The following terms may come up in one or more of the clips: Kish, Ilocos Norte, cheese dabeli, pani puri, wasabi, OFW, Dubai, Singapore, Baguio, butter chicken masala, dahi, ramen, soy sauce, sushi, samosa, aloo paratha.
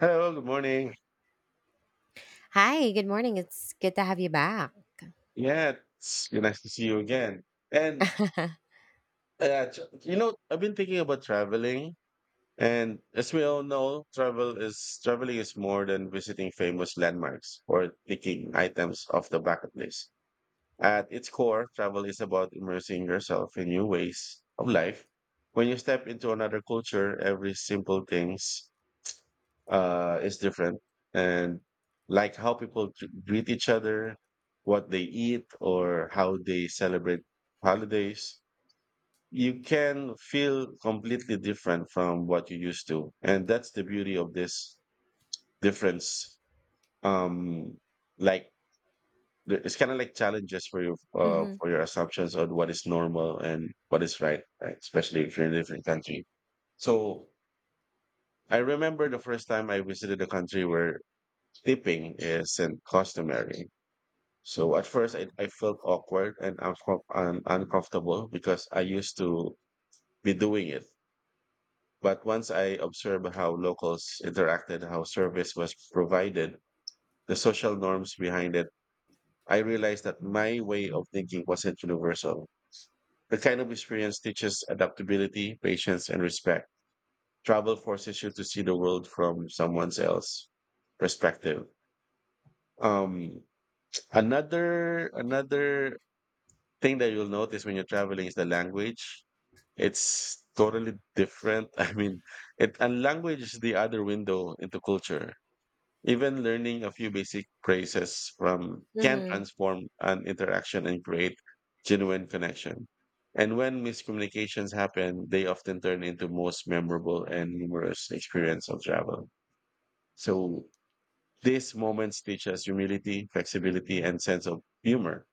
Hello, good morning. Hi, good morning. It's good to have you back. Yeah, it's nice to see you again. And you know, I've been thinking about traveling, and as we all know, traveling is more than visiting famous landmarks or taking items off the bucket list. At its core, travel is about immersing yourself in new ways of life. When you step into another culture, every simple things is different, and like how people greet each other, what they eat, or how they celebrate holidays. You can feel completely different from what you used to, and that's the beauty of this difference. Um, like it's kind of like challenges for you Mhm. for your assumptions on what is normal and what is right, right? Especially if you're in a different country. So I remember the first time I visited a country where tipping isn't customary. So at first, I felt awkward and, uncomfortable because I used to be doing it. But once I observed how locals interacted, how service was provided, the social norms behind it, I realized that my way of thinking wasn't universal. The kind of experience teaches adaptability, patience, and respect. Travel forces you to see the world from someone else's perspective. Um, another thing that you'll notice when you're traveling is the language. It's totally different. I mean, it and language is the other window into culture. Even learning a few basic phrases from can Mhm. transform an interaction and create genuine connection. And when miscommunications happen, they often turn into most memorable and humorous experience of travel. So these moments teach us humility, flexibility, and sense of humor.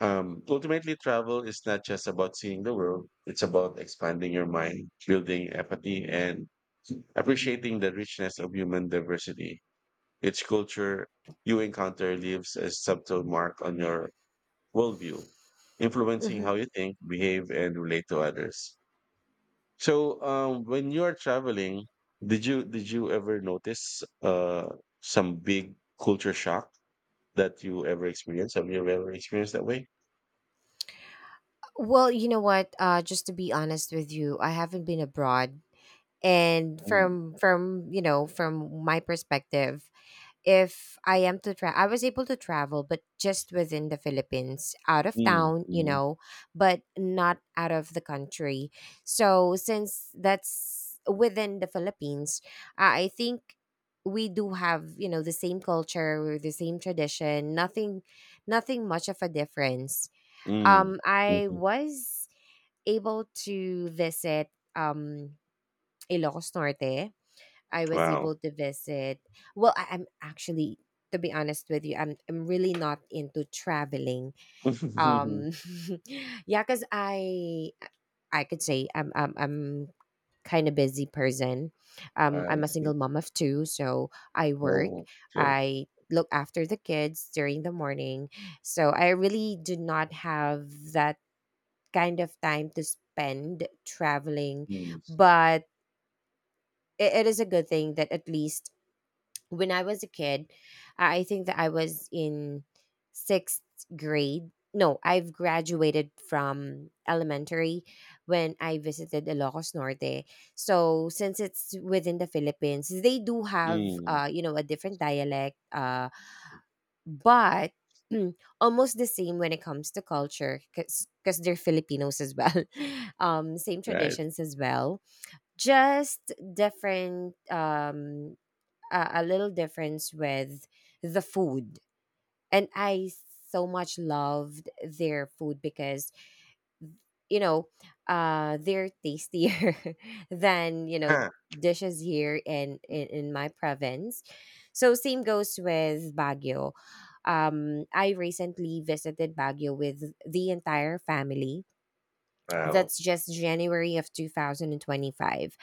Ultimately, travel is not just about seeing the world, it's about expanding your mind, building empathy, and appreciating the richness of human diversity. Each culture you encounter leaves a subtle mark on your worldview, influencing how Mhm. you think, behave, and relate to others. So, when you are traveling, did you ever notice some big culture shock that you ever experienced? Have you ever experienced that way? Well, you know what? Just to be honest with you, I haven't been abroad and Mm. You know, from my perspective, if I am to travel, I was able to travel, but just within the Philippines, out of Mm. town, you Mhm. know, but not out of the country. So since that's within the Philippines, I think we do have, you know, the same culture, the same tradition, nothing much of a difference. Mm, I mhm. was able to visit um Ilocos Norte, I was Wow. able to visit. Well, I'm actually, to be honest with you, I'm really not into traveling. Um, yeah, because I could say I'm kind of busy person. I I'm a single see. mom of two, so I work. Oh, good. I look after the kids during the morning, so I really do not have that kind of time to spend traveling, Mm, but it is a good thing that at least when I was a kid, I think that I was in sixth grade. No, I've graduated from elementary when I visited Ilocos Norte. So since it's within the Philippines, they do have, mm. You know, a different dialect, but mm, almost the same when it comes to culture because they're Filipinos as well. Same Right. traditions as well, just different, a little difference with the food. And I so much loved their food because, you know, they're tastier than, you know, Huh. dishes here in, in my province. So, same goes with Baguio. I recently visited Baguio with the entire family, Wow. that's just January of 2025.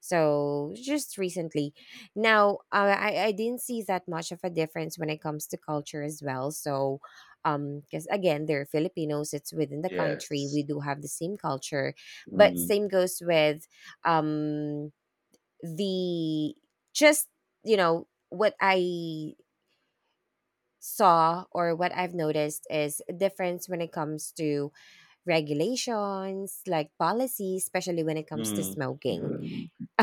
So just recently. Now, I didn't see that much of a difference when it comes to culture as well. So, because again, they're Filipinos, it's within the country. Yes. We do have the same culture, but Mm, same goes with, um, the just, you know, what I saw or what I've noticed is a difference when it comes to regulations, like policies, especially when it comes to mm. smoking. Mm.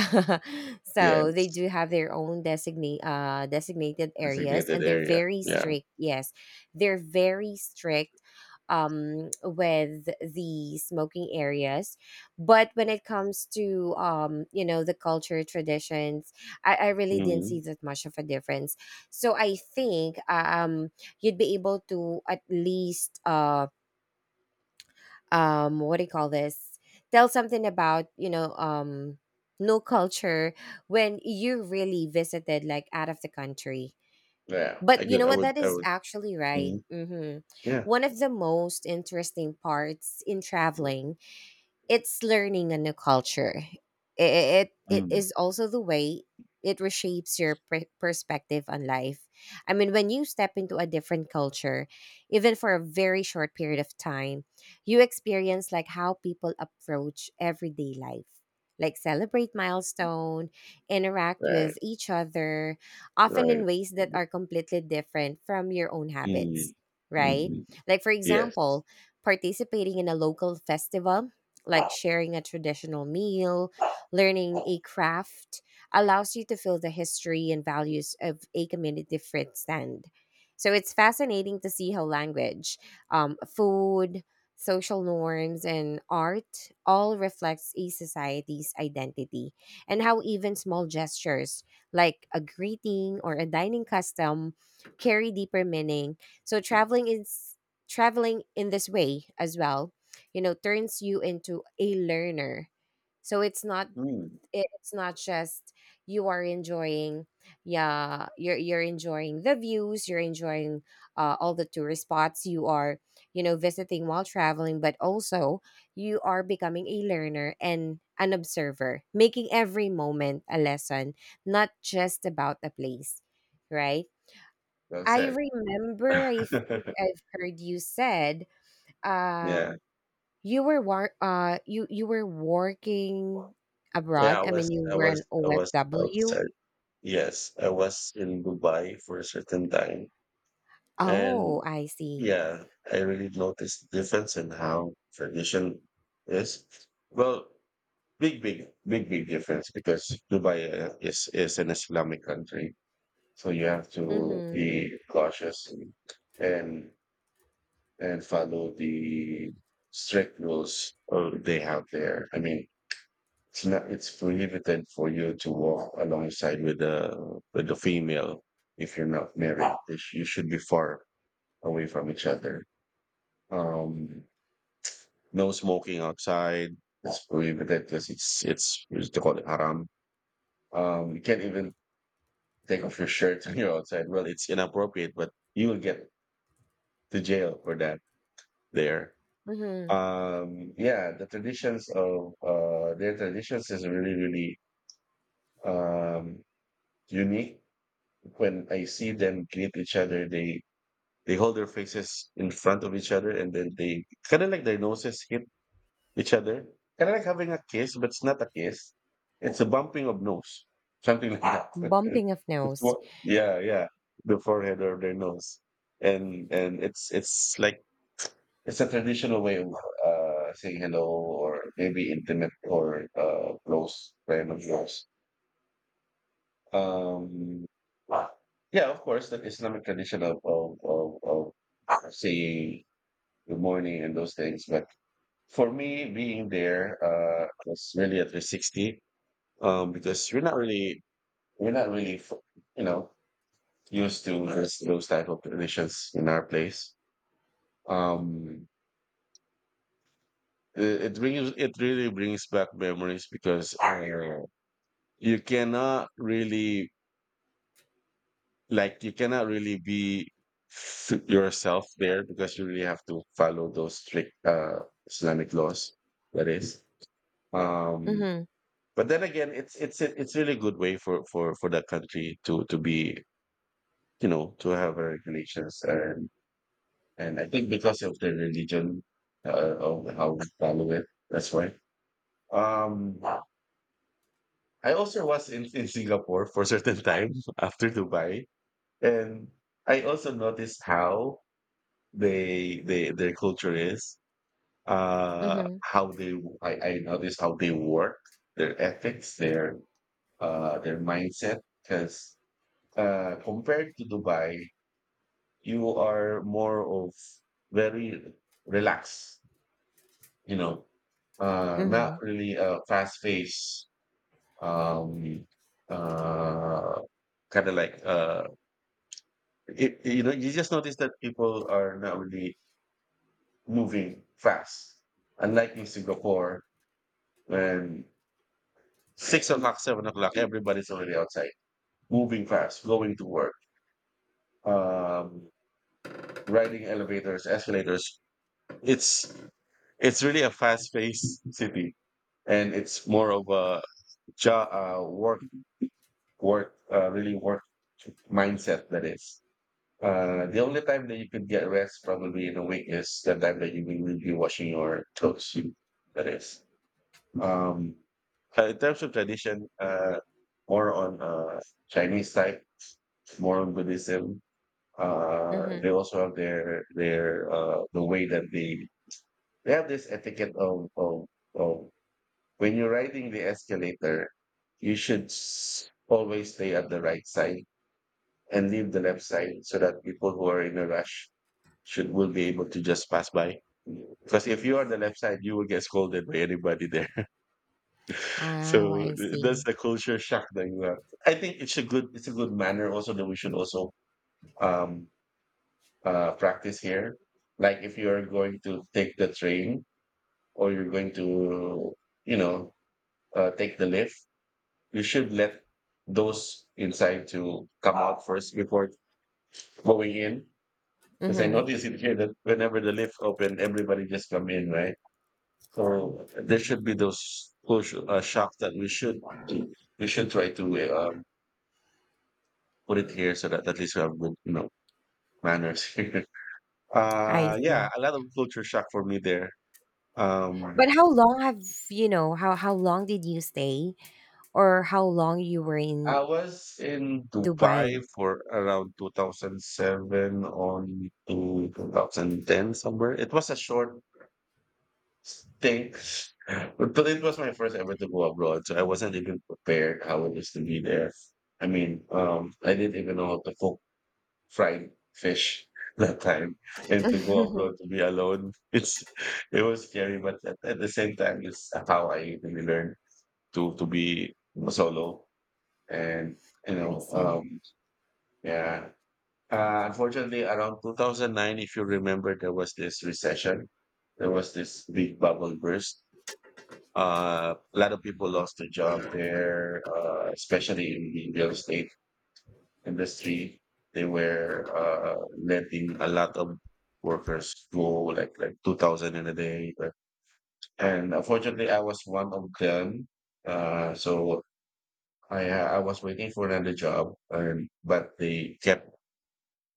So they Yes. do have their own designated areas, Designated and they're area. very Yeah. strict. Yes, they're very strict with the smoking areas. But when it comes to, you know, the culture traditions, I really didn't Mm. see that much of a difference. So I think, you'd be able to at least, what do you call this, tell something about, you know, no culture, when you really visited like out of the country. Yeah. But I you could, know I what, would, that I is would. actually right, Mm. Yeah. one of the most interesting parts in traveling, it's learning a new culture. It it Mm. is also the way it reshapes your perspective on life. I mean, when you step into a different culture, even for a very short period of time, you experience like how people approach everyday life, like celebrate milestone, interact Right. with each other, often in Right. ways that are completely different from your own Mm. habits, right? Hmm. Like for Yes. example, participating in a local festival, like sharing a traditional meal, learning a craft allows you to feel the history and values of a community firsthand. So it's fascinating to see how language, food, social norms, and art all reflects a society's identity, and how even small gestures like a greeting or a dining custom carry deeper meaning. So traveling in this way as well, you know, turns you into a learner. So it's not, Mm. it's not just you are enjoying, yeah, you're enjoying the views, you're enjoying, all the tourist spots you are, you know, visiting while traveling, but also you are becoming a learner and an observer, making every moment a lesson, not just about a place, right? Well I said. remember, I think I've heard you said, uh Yeah. you were war you were working Yeah. abroad? I I was, mean, you I were an was, I was OFW? outside. Yes, I was in Dubai for a certain time. Oh, And I see. yeah, I really noticed the difference in how tradition is. Well, big, big, big, big difference because Dubai is an Islamic country, so you have to Mhm. be cautious and and, and follow the strict rules they have there. I mean, it's not, it's prohibited for you to walk alongside with the female if you're not married. You should be far away from each other. Um, no smoking outside. It's prohibited because it's they call it haram. You can't even take off your shirt when you're outside. Well, it's inappropriate, but you will get to jail for that there. Mhm. Yeah, their traditions is really really um, unique when I see them greet each other, they hold their faces in front of each other, and then they kind of like their noses hit each other, kind of like having a kiss, but it's not a kiss. It's a bumping of nose, something like that. Bumping of nose. Yeah, yeah, the forehead or their nose, and it's like it's a traditional way of saying hello or maybe intimate or close friend of yours. Um, yeah, of course, the Islamic tradition of saying good morning and those things. But for me, being there was really a 360. Because you're not really, we're not really, f- you know, used to those type of traditions in our place. Um, it really brings back memories because you cannot really you cannot really yourself there because you really have to follow those strict Islamic laws. That is. um, Mhm. but then again, it's really good way for that country to be you know to have a regulations, and I think because of the religion of how we follow it, that's why. Um, I also was in Singapore for a certain time after Dubai, and I also noticed how they their culture is, Mhm. how they I noticed how they work, their ethics, their mindset. Because compared to Dubai, you are more of very relaxed, you know, not Mhm. really a fast paced, um, uh, kind of like uh, it, you know, you just notice that people are not really moving fast unlike in Singapore. And 6 o'clock, 7 o'clock, everybody's already outside, moving fast, going to work, um, riding elevators, escalators. It's it's really a fast-paced city, and it's more of a job, really work mindset that is. The only time that you could get rest probably in a week is the time that you will be washing your clothes. That is. Um, in terms of tradition, more on Chinese type, more on Buddhism. Mhm. They also have the way that they have this etiquette of when you're riding the escalator, you should always stay at the right side and leave the left side so that people who are in a rush should will be able to just pass by. Because if you are on the left side, you will get scolded by anybody there. Oh, I That's see. the culture shock that you have. I think it's a good manner also that we should also um practice here. Like if you're going to take the train or you're going to, you know, take the lift, you should let those inside to come out first before going in. Because I Mhm. noticed it here that whenever the lift open, everybody just come in, right? So there should be those push shock that we should try to put it here so that at least we have good, you know, manners here. I Yeah, see. a lot of culture shock for me there. Um, But how long have, you know, how long did you stay or how long you were I in was in Dubai Dubai? for around 2007 on to 2010 somewhere. It was a short stint, but it was my first ever to go abroad, so I wasn't even prepared how it was to be there. I mean, I didn't even know how to cook fried fish that time, and to go abroad to be alone, it was scary, but at the same time, it's how I really learned to be solo and you I know see. Yeah. Unfortunately, around 2009, if you remember, there was this recession. There was this big bubble burst. A lot of people lost their job there, especially in the real estate industry. They were letting a lot of workers go, like 2,000 in a day. But, and unfortunately, I was one of them. So I was waiting for another job, and but they kept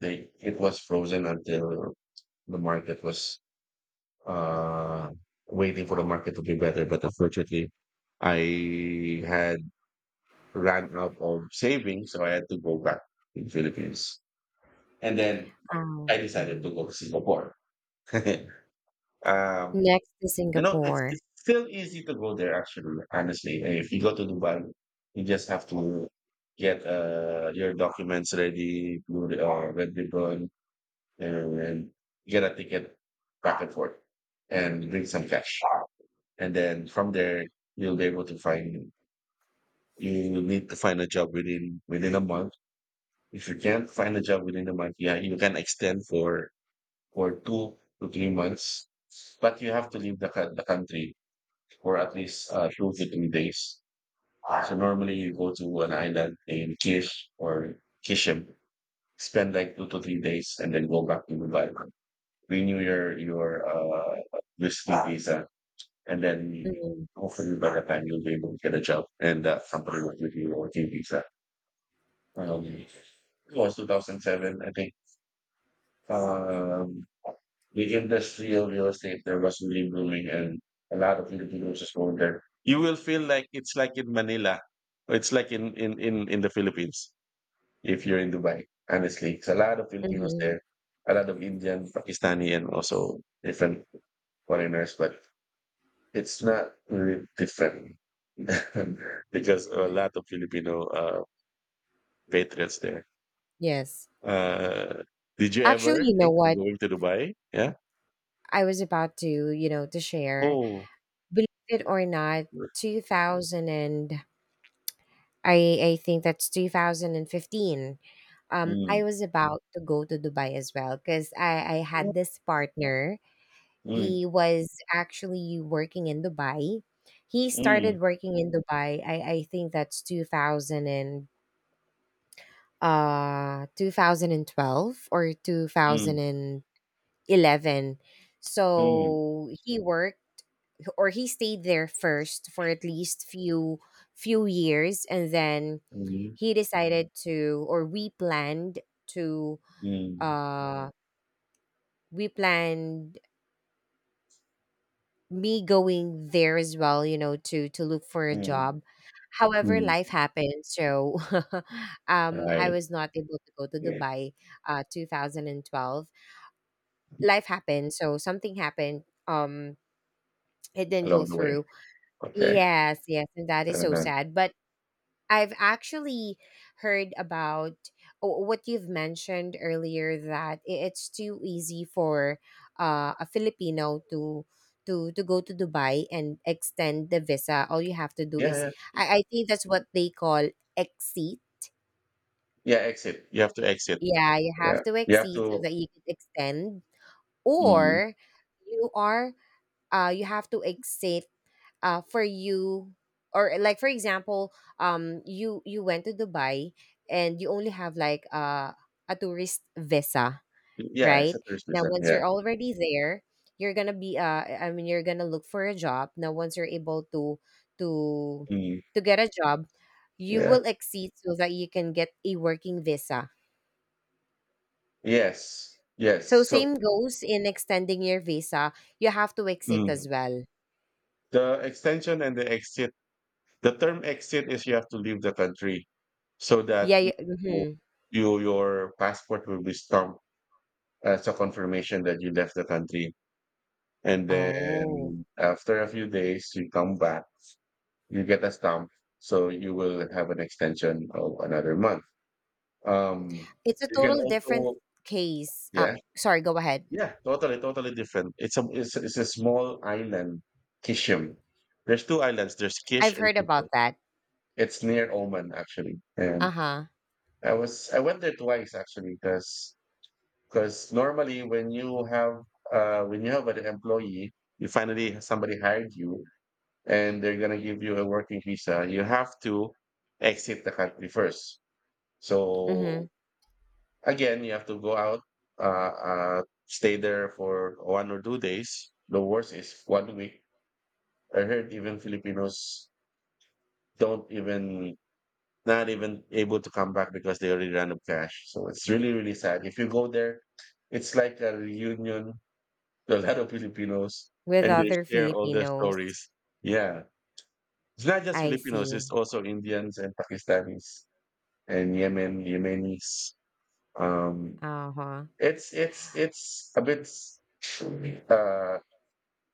they it was frozen until the market was uh waiting for the market to be better, but unfortunately I had ran out of savings, so I had to go back to the Philippines, and then Oh. I decided to Mhm. go to Singapore. um Next to Singapore. it's still easy to go there actually honestly. If you go to Dubai, you just have to get your documents ready, blue red ribbon, and get a ticket back and forth and bring some cash, and then from there you'll be able to find you will need to find a job within within a month. If you can't find a job within a month, yeah, you can extend for 2 to 3 months, but you have to leave the country for at least 2 to 3 days. So normally you go to an island in Kish or Kishem, spend like 2 to 3 days and then go back to Dubai, renew your visiting visa. And then Mhm. hopefully by the time you'll be able to get a job and that company will give you a working visa. It was 2007, I think. Um, the industry of real estate there was really booming, and a lot of Filipinos just going there. You will feel like it's like in Manila. Or It's like in the Philippines if you're in Dubai, honestly. It's a lot of Filipinos Mhm. there, a lot of Indian, Pakistani, and also different foreigners. But it's not really different because a lot of Filipino patriots there. Yes. Uh, did you Actually, ever you know think of what? going to Dubai? Yeah. I was about to, you know, to share. Oh. Believe it or not, 2000 and, I think that's 2015. I Mm. was about to go to Dubai as well, cuz I had this partner. Mm. He was actually working in Dubai. He Mm. started working in Dubai. I think that's 2000 and, 2012 or Mm. 2011. Mm. So he worked or he stayed there first for at least few years, and then Mm. he decided to, or we planned to, Mm. uh we planned me going there as well, you know, to look for a Mm. job. However, Mm. life happened, so I Right. was not able to go to Yeah. Dubai. 2012, life happened, so something happened. It didn't go Along the way. through. Okay. Yes, yes, and that is so Uh-huh. sad. But I've actually heard about what you've mentioned earlier, that it's too easy for, a Filipino to to go to Dubai and extend the visa. All you have to do Yeah. is, Yeah. I think that's what they call exceed. Yeah, exit. You have to exit. Yeah, you have Yeah. to You have exceed so to. that you could extend, Mm. or you are, you have to exceed, for you, or like for example, you you went to Dubai and you only have like, a tourist visa, Yeah. It's right? the first Now, visa. once Yeah. you're already there, you're gonna be, I mean, you're gonna look for a job. Now, once you're able to to Mm. to get a job, you Yeah. will exceed so that you can get a working visa. Yes. Yes. So So same goes in extending your visa, you have to exit as mm, well, the extension and the exit. The term exit is you have to leave the country so that yeah. you, Mhm. you your passport will be stamped as a confirmation that you left the country. And Oh. then after a few days, you come back, you get a stamp, so you will have an extension of another month. Um, It's a you can total different also, case. Yeah, Sorry, go ahead. yeah, totally, totally different. It's a it's, it's a small island, Kishim. There's two islands. There's Kish I've and heard Kishim. about that. It's near Oman actually, Uh and huh. I went there twice actually because normally when you have an employee, you finally somebody hired you and they're gonna give you a working visa. You have to exit the country first. So Mm-hmm. again, you have to go out, stay there for 1 or 2 days. The worst is 1 week. I heard even Filipinos don't even not even able to come back because they already ran up cash. So it's really, really sad. If you go there, it's like a reunion to a lot of Filipinos With and they other share all their Filipinos, stories. Yeah. It's not just I Filipinos, it's see. also Indians and Pakistanis and Yemen, Yemenis. Um, Uh huh. it's it's a bit uh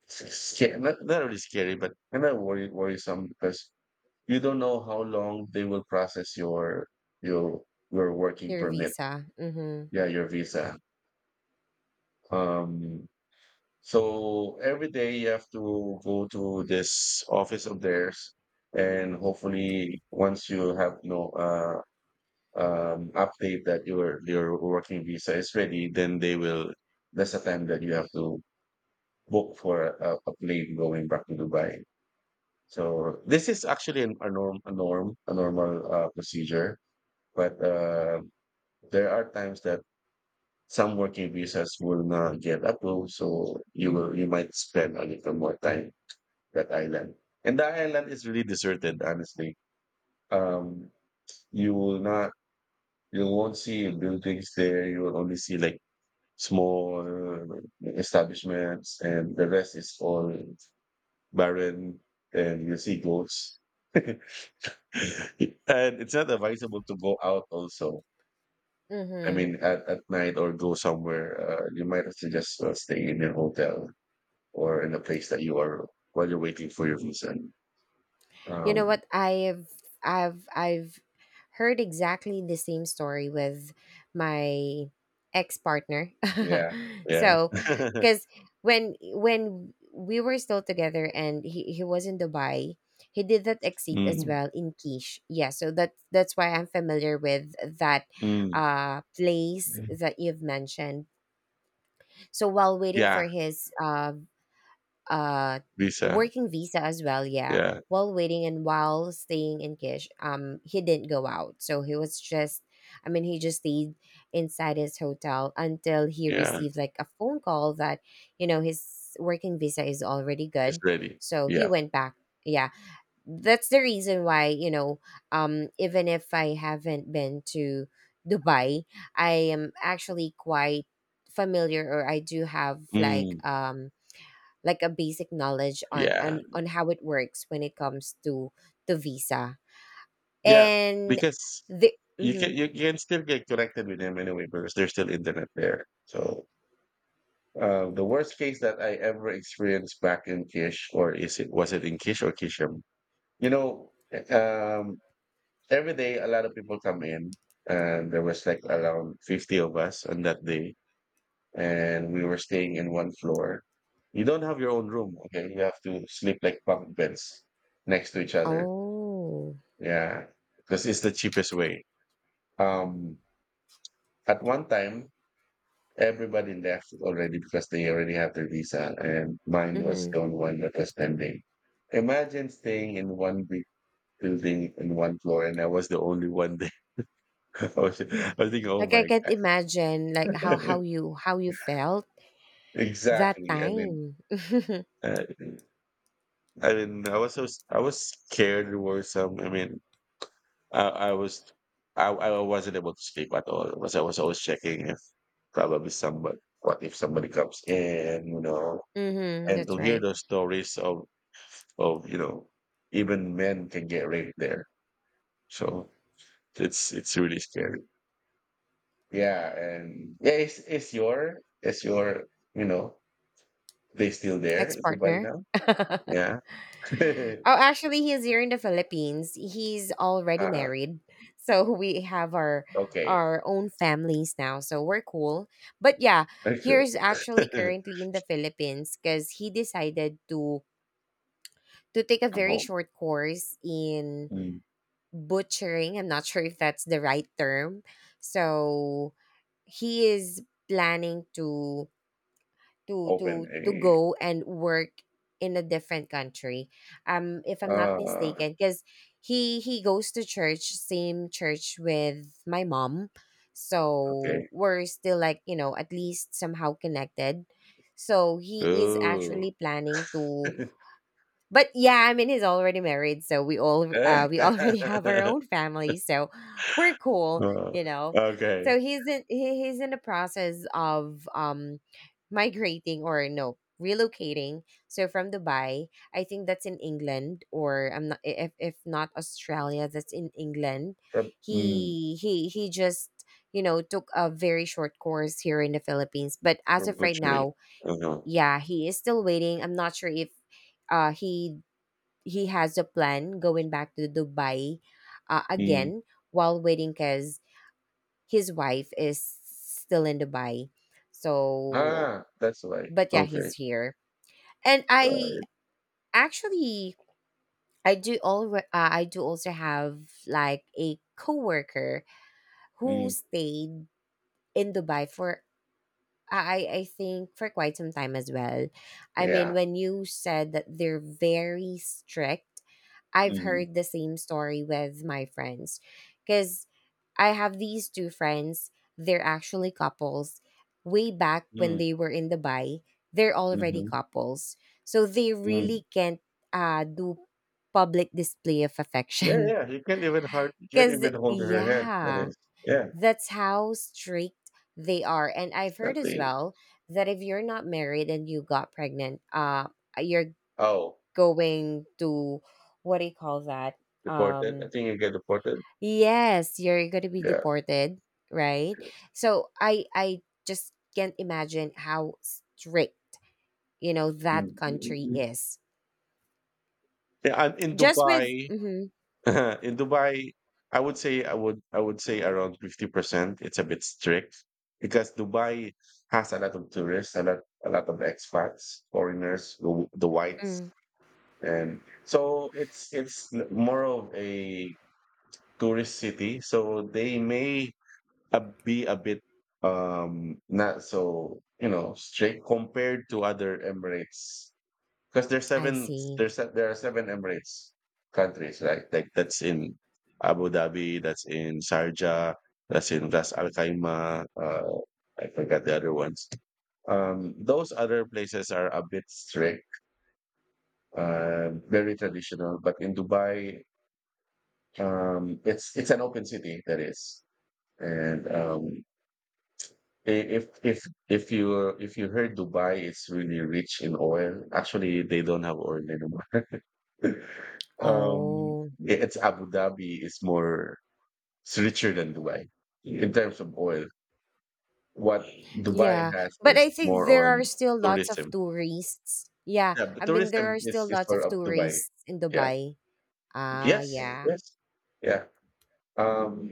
scary, not, not really scary, but kind of worry, worrisome because you don't know how long they will process your your your working Your permit. visa. Mm-hmm. Yeah, your visa. Um, so every day you have to go to this office of theirs, and hopefully, once you have no update that your working visa is ready, then they will. That's the time that you have to book for a plane going back to Dubai. So this is actually a normal procedure. But there are times that some working visas will not get approved, so you might spend a little more time that island. And the island is really deserted, honestly. Um, you will not you won't see buildings there. You will only see like small establishments, and the rest is all barren. And you see goats, and it's not advisable to go out. Also, I Mm-hmm. mean, at night or go somewhere. You might have to just stay in your hotel or in the place that you are while you're waiting for your visa. You know Um, what? I've heard exactly the same story with my ex-partner. Yeah. Yeah. So, cuz when we were still together and he was in Dubai, he did that exit as Mm, well in Quiche. Yeah, so that that's why I'm familiar with that mm. Place that you've mentioned. So while waiting for Yeah. his, uh Visa. working visa as well, yeah, Yeah. while waiting and while staying in Kish, he didn't go out, so he was just, I mean, he just stayed inside his hotel until he Yeah. received like a phone call that, you know, his working visa is already It's good, ready. so he Yeah. went back. Yeah, that's the reason why, you know, even if I haven't been to Dubai, I am actually quite familiar, or I do have like, Mm, like a basic knowledge on, yeah. On how it works when it comes to visa. Yeah. And Because the you can still get connected with them anyway because there's still internet there. So the worst case that I ever experienced back in Kish, or is it was it in Kish or Kisham? You know, um, every day, a lot of people come in, and there was like around 50 of us on that day, and we were staying in one floor. You don't have your own room, okay? You have to sleep like bunk beds next to each other. oh. Yeah, because it's the cheapest way. Um, at one time, everybody left already because they already have their visa, and mine was Mm-hmm. the only one that was pending. Imagine staying in one big building in one floor, and I was the only one there. I was thinking, oh Like, I my. can't imagine like how, you how you felt that Exactly. I mean, time. uh, I mean, I was scared or some. I mean, I, I was I wasn't able to sleep at all. Was I was always checking if probably somebody what if somebody comes in, you know, Mm-hmm, and to that's hear right. those stories of you know even men can get raped there. So it's really scary. Yeah, and yeah, it's it's your you know they still there? Is it by Ex-partner. now? Yeah. Oh, actually, he's here in the Philippines. He's already Uh, married, so we have our okay, our own families now. So we're cool. But yeah, that's good. here's actually currently in the Philippines because he decided to take a I'm very home. short course in Mm. butchering. I'm not sure if that's the right term. So he is planning to, Open a to go and work in a different country, if I'm not uh mistaken. Because he goes to church, same church with my mom, okay. so we're still like, you know, at least somehow connected. So he is Ooh. actually planning to, but yeah, I mean, he's already married, so we all, we already have our own family, so we're cool, Uh, you know. okay. So he's in he's in the process of, migrating, or no, relocating. So from Dubai, I think that's in England, or I'm not, if if not Australia, that's in England. For, mm, He he just, you know, took a very short course here in the Philippines, but for as of right butchery. now, Uh-huh. yeah, he is still waiting. I'm not sure if, uh he he has a plan going back to Dubai, Mm. again, while waiting because his wife is still in Dubai. So, Ah, that's right. but yeah, Okay. he's here. And I Right. actually, I do all, I do also have like a coworker who Mm. stayed in Dubai for, I think for quite some time as well. I mean, Yeah. when you said that they're very strict, I've Mm. heard the same story with my friends because I have these two friends. They're actually couples. Way back when Mm. they were in Dubai, they're already Mm-hmm. couples. So they Mm. really can't, do public display of Yeah, affection. yeah. You can't even hard you can't Because, even hold her hand. That yeah, is. Yeah, that's how strict they are. And I've heard as exactly. well that if you're not married and you got pregnant, you're Oh, going to, what do you call that? deported. I Um, think you get deported. Yes, you're going to be Yeah. deported, right? Yes. So I just can't imagine how strict, you know, that country Mm. is. Yeah, and in Just with Dubai, mhm, in Dubai, I would say around 50%. It's a bit strict because Dubai has a lot of tourists, a lot of expats, foreigners, the whites, mm, and so it's more of a tourist city. So they may be a bit not so you know strict compared to other Emirates because I see. There are seven Emirates countries, right? Like that's in Abu Dhabi, that's in Sharjah, that's in Ras Al Khaimah. I forgot the other ones. Those other places are a bit strict, very traditional. But in Dubai, it's an open city. That is, and i- if if if you heard Dubai, it's really rich in oil. Actually, they don't have oil anymore. Um, Oh. yeah, it's Abu Dhabi is more it's richer than Dubai in terms of oil. What Dubai Yeah, has but is I think more there are on still lots of tourism. tourists. Yeah, Yeah, but I mean, there tourism are still is lots for of up Dubai. tourists in Yeah. Dubai. Ah, Yes. yeah. Yes. Yeah. Um,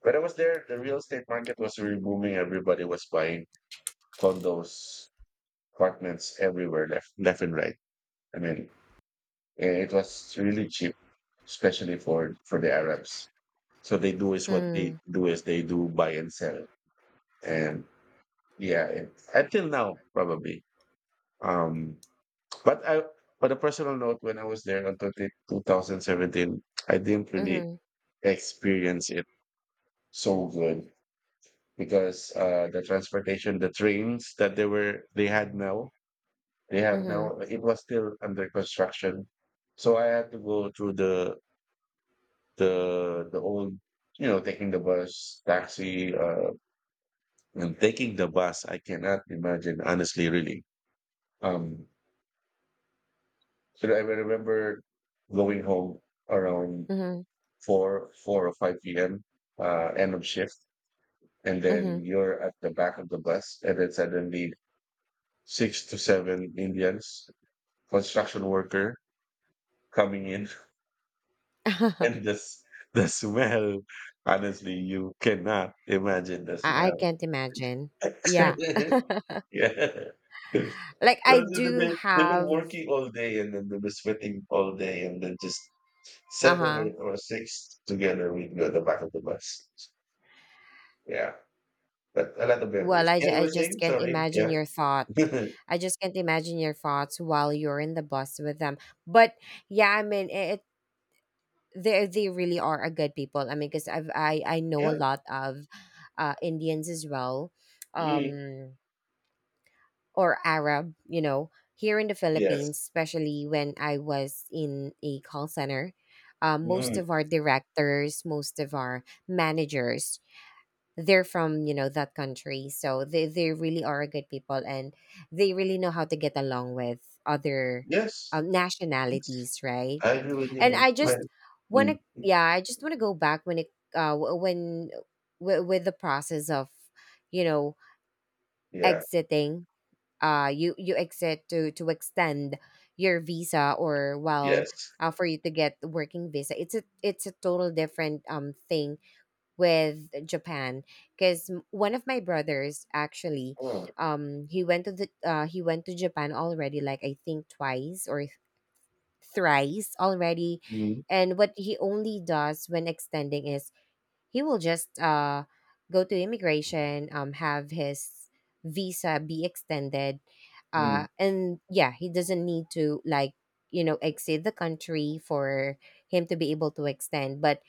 when I was there, the real estate market was really booming. Everybody was buying condos, apartments everywhere, left and right. I mean, eh, it was really cheap, especially for the Arabs. So they do is what they Hmm. do is they do buy and sell, and yeah, it, until now probably. Um, but I but a personal note, when I was there until 2017, I didn't really Mhm. experience it so good because the transportation, the trains that they were they had now they have Mhm. now it was still under construction, so I had to go through the the old you know taking the bus taxi and taking the bus. I cannot imagine honestly really. um so I remember going home around Mhm. 4 or 5 p.m., uh, end of shift, and then Mhm. you're at the back of the bus, and then suddenly 6 to 7 Indians construction worker coming in. And this the smell, honestly you cannot imagine the I smell. can't imagine. Yeah. Yeah. Like I Well, so they've do been have, working all day, and then they've been sweating all day, and then just 7 uh-huh. or 6 together, we go the back of the bus. Yeah, but a lot of Well, memories. Yeah, you I were just saying? can't Sorry. imagine Yeah. your thoughts. I just can't imagine your thoughts while you're in the bus with them. But yeah, I mean, it, they really are a good people. I mean, because I know Yeah. a lot of, Indians as well, Mm. um or Arab. You know, here in the Philippines, Yes. especially when I was in a call center, most Mm. of our directors, most of our managers, they're from, you know, that country, so they really are good people and they really know how to get along with other, Yes. Yes. nationalities, right? I agree with And you. I Right. just want to, Mm. yeah, I just want to go back when it, when with the process of, you know, Yeah. exiting. You you exit to extend your visa, or, well, Yes. For you to get working visa, it's a, it's a total different, thing with Japan because one of my brothers actually, Oh. He went to the, he went to Japan already like I think twice or thrice already, Mm. and what he only does when extending is he will just, go to immigration, have his visa be extended, Mm. And yeah, he doesn't need to like, you know, exit the country for him to be able to extend. But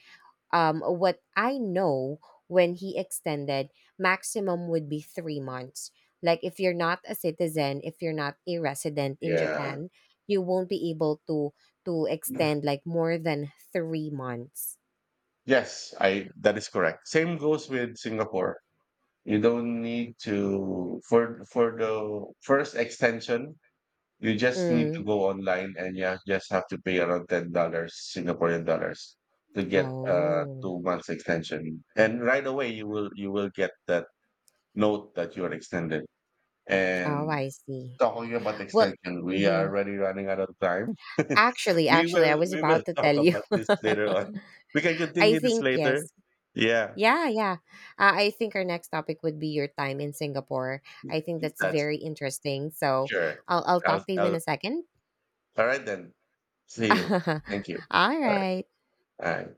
what I know, when he extended, maximum would be 3 months. Like, if you're not a citizen, if you're not a resident in Yeah. Japan, you won't be able to extend like more than 3 months. Yes, I that is correct. Same goes with Singapore. You don't need to for the first extension, you just need to Mm. go online, and you just have to pay around $10, singaporean dollars, to get Oh, 2 months extension, and right away you will get that note that you are extended. oh, And I see. talking about Well, extension, we are hmm already running out of time. Actually, I was We will about to tell talk you. about this later on. We can I continue this think later. yes. Yeah, Yeah, yeah. I think our next topic would be your time in Singapore. I think that's that's very interesting. So sure. I'll talk to you in I'll a second. All right then. See you. Thank you. All All right. right. All right.